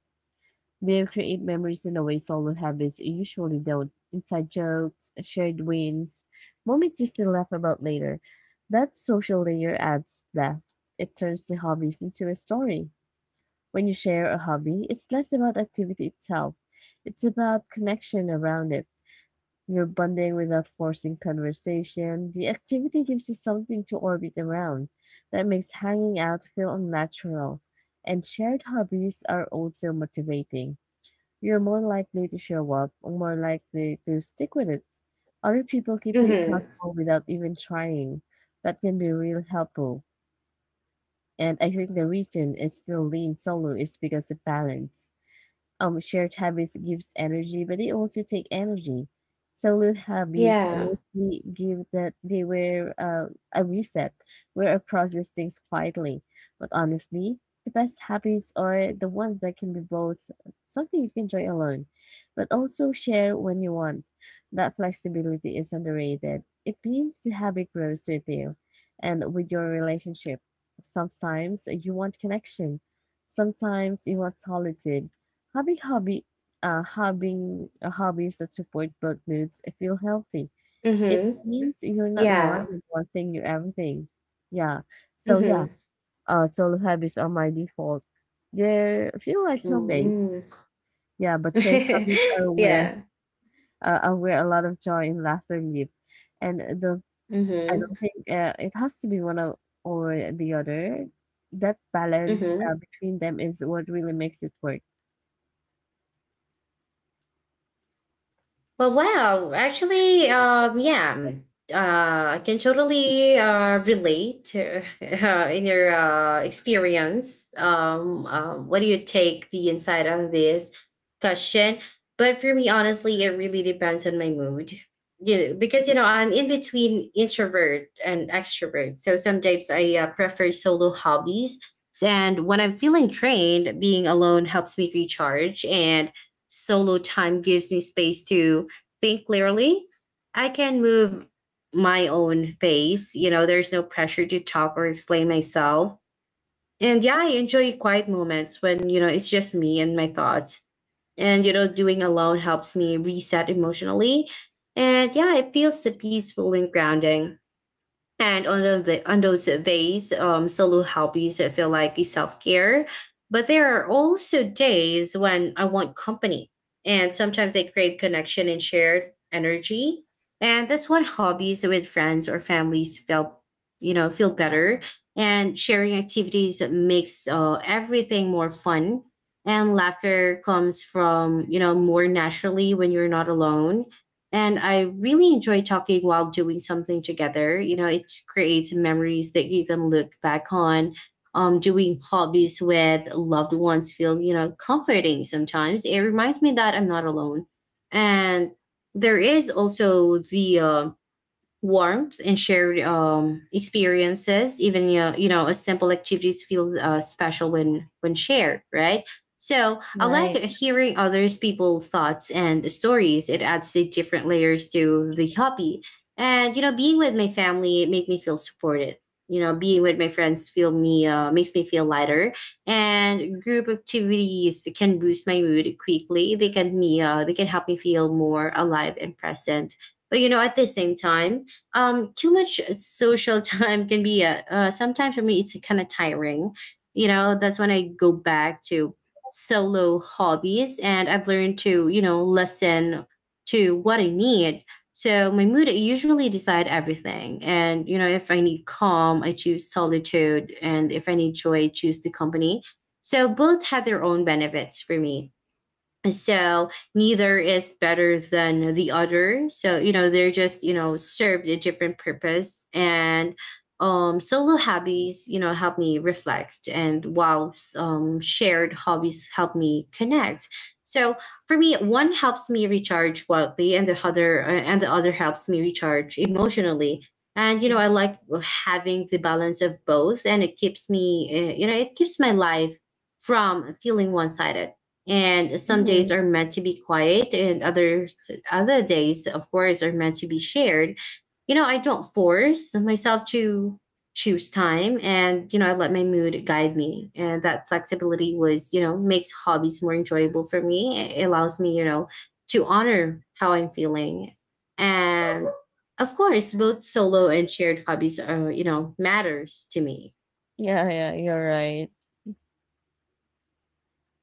They create memories in a way solo habits usually don't. Inside jokes, shared wins, moments you still laugh about later. That social layer adds depth. It turns the hobbies into a story. When you share a hobby, it's less about activity itself. It's about connection around it. You're bonding without forcing conversation. The activity gives you something to orbit around. That makes hanging out feel unnatural. And shared hobbies are also motivating. You're more likely to show up, more likely to stick with it. Other people keep you Mm-hmm. accountable without even trying. That can be really helpful. And I think the reason I still lean solo is because of balance. Shared habits gives energy, but they also take energy. Solo hobbies Yeah. mostly give that they were a reset where I process things quietly. But honestly, the best hobbies are the ones that can be both something you can enjoy alone, but also share when you want. That flexibility is underrated. It means the habit grows with you and with your relationship. Sometimes you want connection. Sometimes you want solitude. Having hobby, having hobbies that support both moods, I feel healthy. It Mm-hmm. means you're not relying Yeah. on one thing, you everything. Yeah. So yeah, Mm-hmm. Solo hobbies are my default. They feel like home. Mm-hmm. Yeah, but shared hobbies Yeah. Are where a lot of joy and laughter live. And the I Mm-hmm. don't think it has to be one of, or the other. That balance Mm-hmm. between them is what really makes it work. Well, wow. Actually, yeah, I can totally relate to, in your experience. What do you take the insight on this question? But for me, honestly, it really depends on my mood. You know, because you know I'm in between introvert and extrovert. So sometimes I prefer solo hobbies, and when I'm feeling drained, being alone helps me recharge. And solo time gives me space to think clearly. I can move my own pace. You know, there's no pressure to talk or explain myself. And yeah, I enjoy quiet moments when, you know, it's just me and my thoughts. And, you know, doing alone helps me reset emotionally. And yeah, it feels so peaceful and grounding. And on, the, on those days, solo hobbies that feel like self care. But there are also days when I want company. And sometimes I crave connection and shared energy. And that's when hobbies with friends or families feel better. And sharing activities makes everything more fun. And laughter comes more naturally when you're not alone, and I really enjoy talking while doing something together. It creates memories that you can look back on. Doing hobbies with loved ones feel comforting sometimes. It reminds me that I'm not alone. And there is also the warmth and shared experiences. Even a simple activities feel special when shared, right? So I like Right. hearing others people's thoughts and stories. It adds the different layers to the hobby. And you know being with my family, it make me feel supported. You know being with my friends feel me makes me feel lighter. And group activities can boost my mood quickly. They can me they can help me feel more alive and present. But you know, at the same time, too much social time can be a sometimes, for me it's kind of tiring. You know, that's when I go back to solo hobbies, and I've learned to listen to what I need. So my mood, I usually decide everything. And you know if I need calm, I choose solitude. And if I need joy, I choose the company. So both have their own benefits for me. So neither is better than the other. So you know they're just served a different purpose. And solo hobbies, you know, help me reflect. And while shared hobbies help me connect. So for me, one helps me recharge quietly, and the other helps me recharge emotionally. And you know I like having the balance of both, and it keeps me you know, it keeps my life from feeling one-sided. And some days Mhm. are meant to be quiet, and other days, of course, are meant to be shared. You know I don't force myself to choose time. And you know I let my mood guide me, and that flexibility was you know makes hobbies more enjoyable for me. It allows me, you know, to honor how I'm feeling. And of course both solo and shared hobbies are, you know, matters to me. Yeah, yeah, you're right.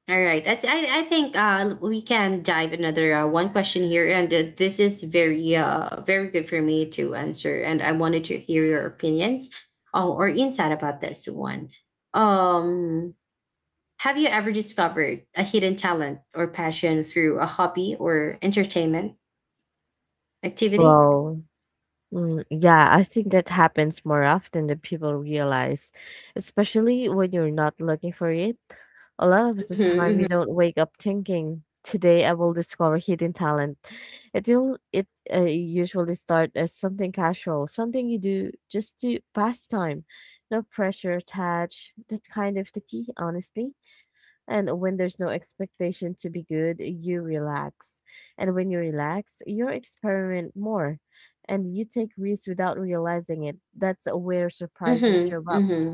All right. I think we can dive another one question here. And this is very good for me to answer. And I wanted to hear your opinions, or insight about this one. Um, have you ever discovered a hidden talent or passion through a hobby or entertainment activity? Well, yeah, I think that happens more often than people realize, especially when you're not looking for it. A lot of the time, Mm-hmm. you don't wake up thinking, "Today I will discover hidden talent." It will, it usually start as something casual, something you do just to pass time, no pressure attached. That kind of the key, honestly. And when there's no expectation to be good, you relax. And when you relax, you experiment more and you take risks without realizing it. That's where surprises Mm-hmm. show up.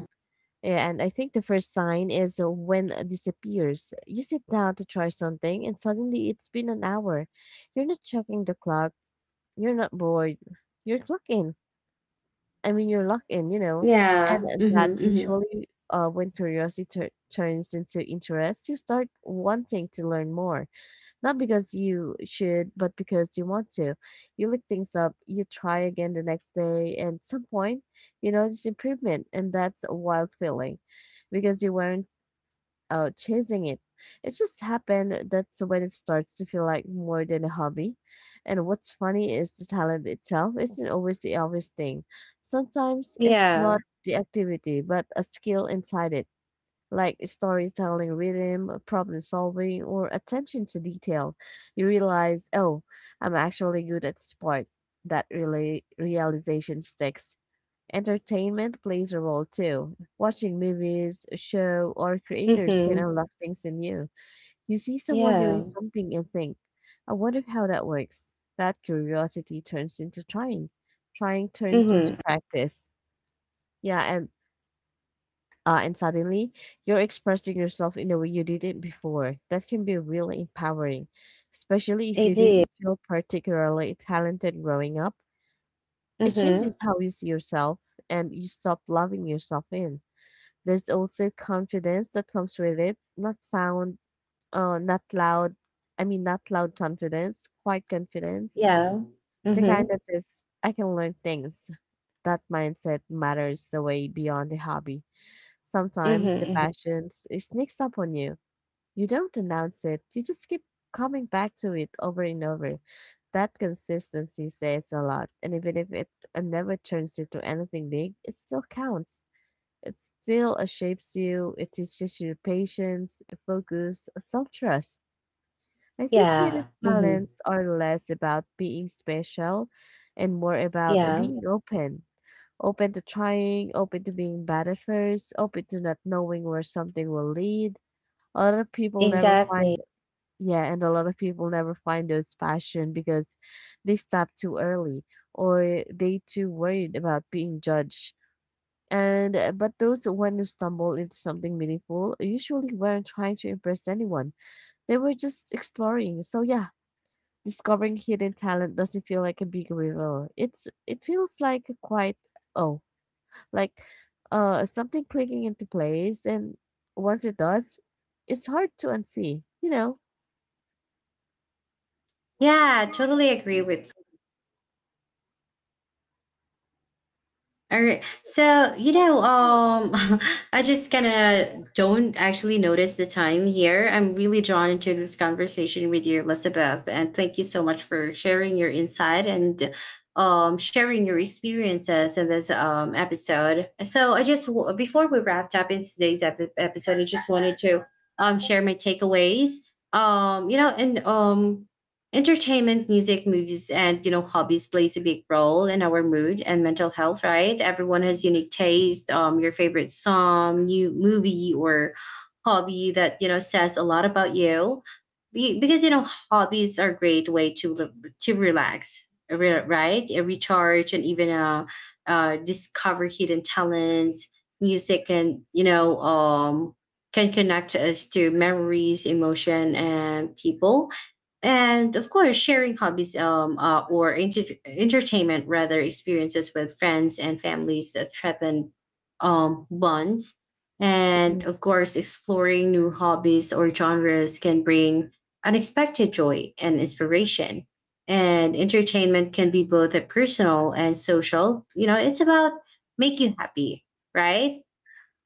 Yeah, and I think the first sign is when it disappears. You sit down to try something, and suddenly it's been an hour. You're not checking the clock, you're not bored, you're clocking. I mean, you're locked in, you know, Yeah. and that Mm-hmm. Mm-hmm. usually when curiosity turns into interest, you start wanting to learn more, not because you should, but because you want to. You look things up, you try again the next day, and at some point, you notice improvement, and that's a wild feeling because you weren't out chasing it. It just happened. That's when it starts to feel like more than a hobby. And what's funny is the talent itself isn't always the obvious thing. Sometimes it's Yeah. not the activity, but a skill inside it, like storytelling rhythm, problem solving, or attention to detail. You realize, oh, I'm actually good at sport. That really realization sticks. Entertainment plays a role too. Watching movies, a show, or creators can Mm-hmm. unlock things in you. You see someone doing Yeah. something and think, I wonder how that works. That curiosity turns into trying. Trying turns into Mm-hmm. practice. Yeah, and suddenly you're expressing yourself in a way you didn't before. That can be really empowering, especially if I you did. didn't feel particularly talented growing up. It Mm-hmm. changes how you see yourself and you stop loving yourself in. There's also confidence that comes with it, not found, not loud. I mean, not loud confidence, quiet confidence. Yeah. The kind Mm-hmm. that says, I can learn things. That mindset matters the way beyond the hobby. Sometimes the Mm-hmm. Hmm. passion it sneaks up on you. You don't announce it, you just keep coming back to it over and over. That consistency says a lot, and even if it never turns into anything big, it still counts. It still shapes you, it teaches you patience, focus, self trust. I think hidden Yeah. Mm-hmm. talents are less about being special and more about Yeah. being open. Open to trying, open to being bad at first, open to not knowing where something will lead. A lot of people never find, Exactly. yeah, and a lot of people never find those passion because they stop too early or they too worried about being judged and but those one who stumble into something meaningful usually weren't trying to impress anyone. They were just exploring. So yeah, discovering hidden talent doesn't feel like a big reveal. It's it feels like a quiet oh, like something clicking into place and once it does, it's hard to unsee, you know? Yeah. Totally agree with you. All right. So you know, I just kind of don't actually notice the time here. I'm really drawn into this conversation with you, Elizabeth, and thank you so much for sharing your insight and sharing your experiences in this episode. So I just before we wrapped up in today's episode, I just wanted to share my takeaways. You know, and entertainment, music, movies, and you know hobbies plays a big role in our mood and mental health, right? Everyone has unique taste. Your favorite song, new movie, or hobby that you know says a lot about you. Because you know hobbies are a great way to to right? A recharge, and even discover hidden talents. Music can, you know, can connect us to memories, emotion, and people. And of course sharing hobbies, entertainment rather, experiences with friends and families that threaten bonds. And Mhm. of course exploring new hobbies or genres can bring unexpected joy and inspiration. And entertainment can be both a personal and social, you know, it's about make you happy, right?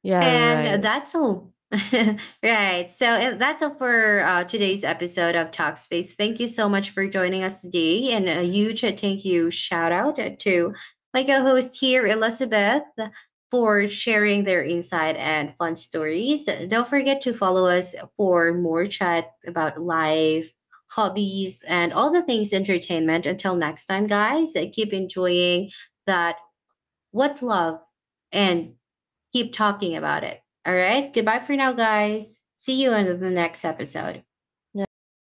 Yeah, right. And that's all. Right. So that's all for today's episode of Talkspace. Thank you so much for joining us today. And a huge thank you, shout out to my co host here, Elizabeth, for sharing their insight and fun stories. Don't forget to follow us for more chat about life, hobbies, and all the things entertainment. Until next time, guys, keep enjoying that what love, and keep talking about it. All right. Goodbye for now, guys. See you in the next episode. Yeah, goodbye.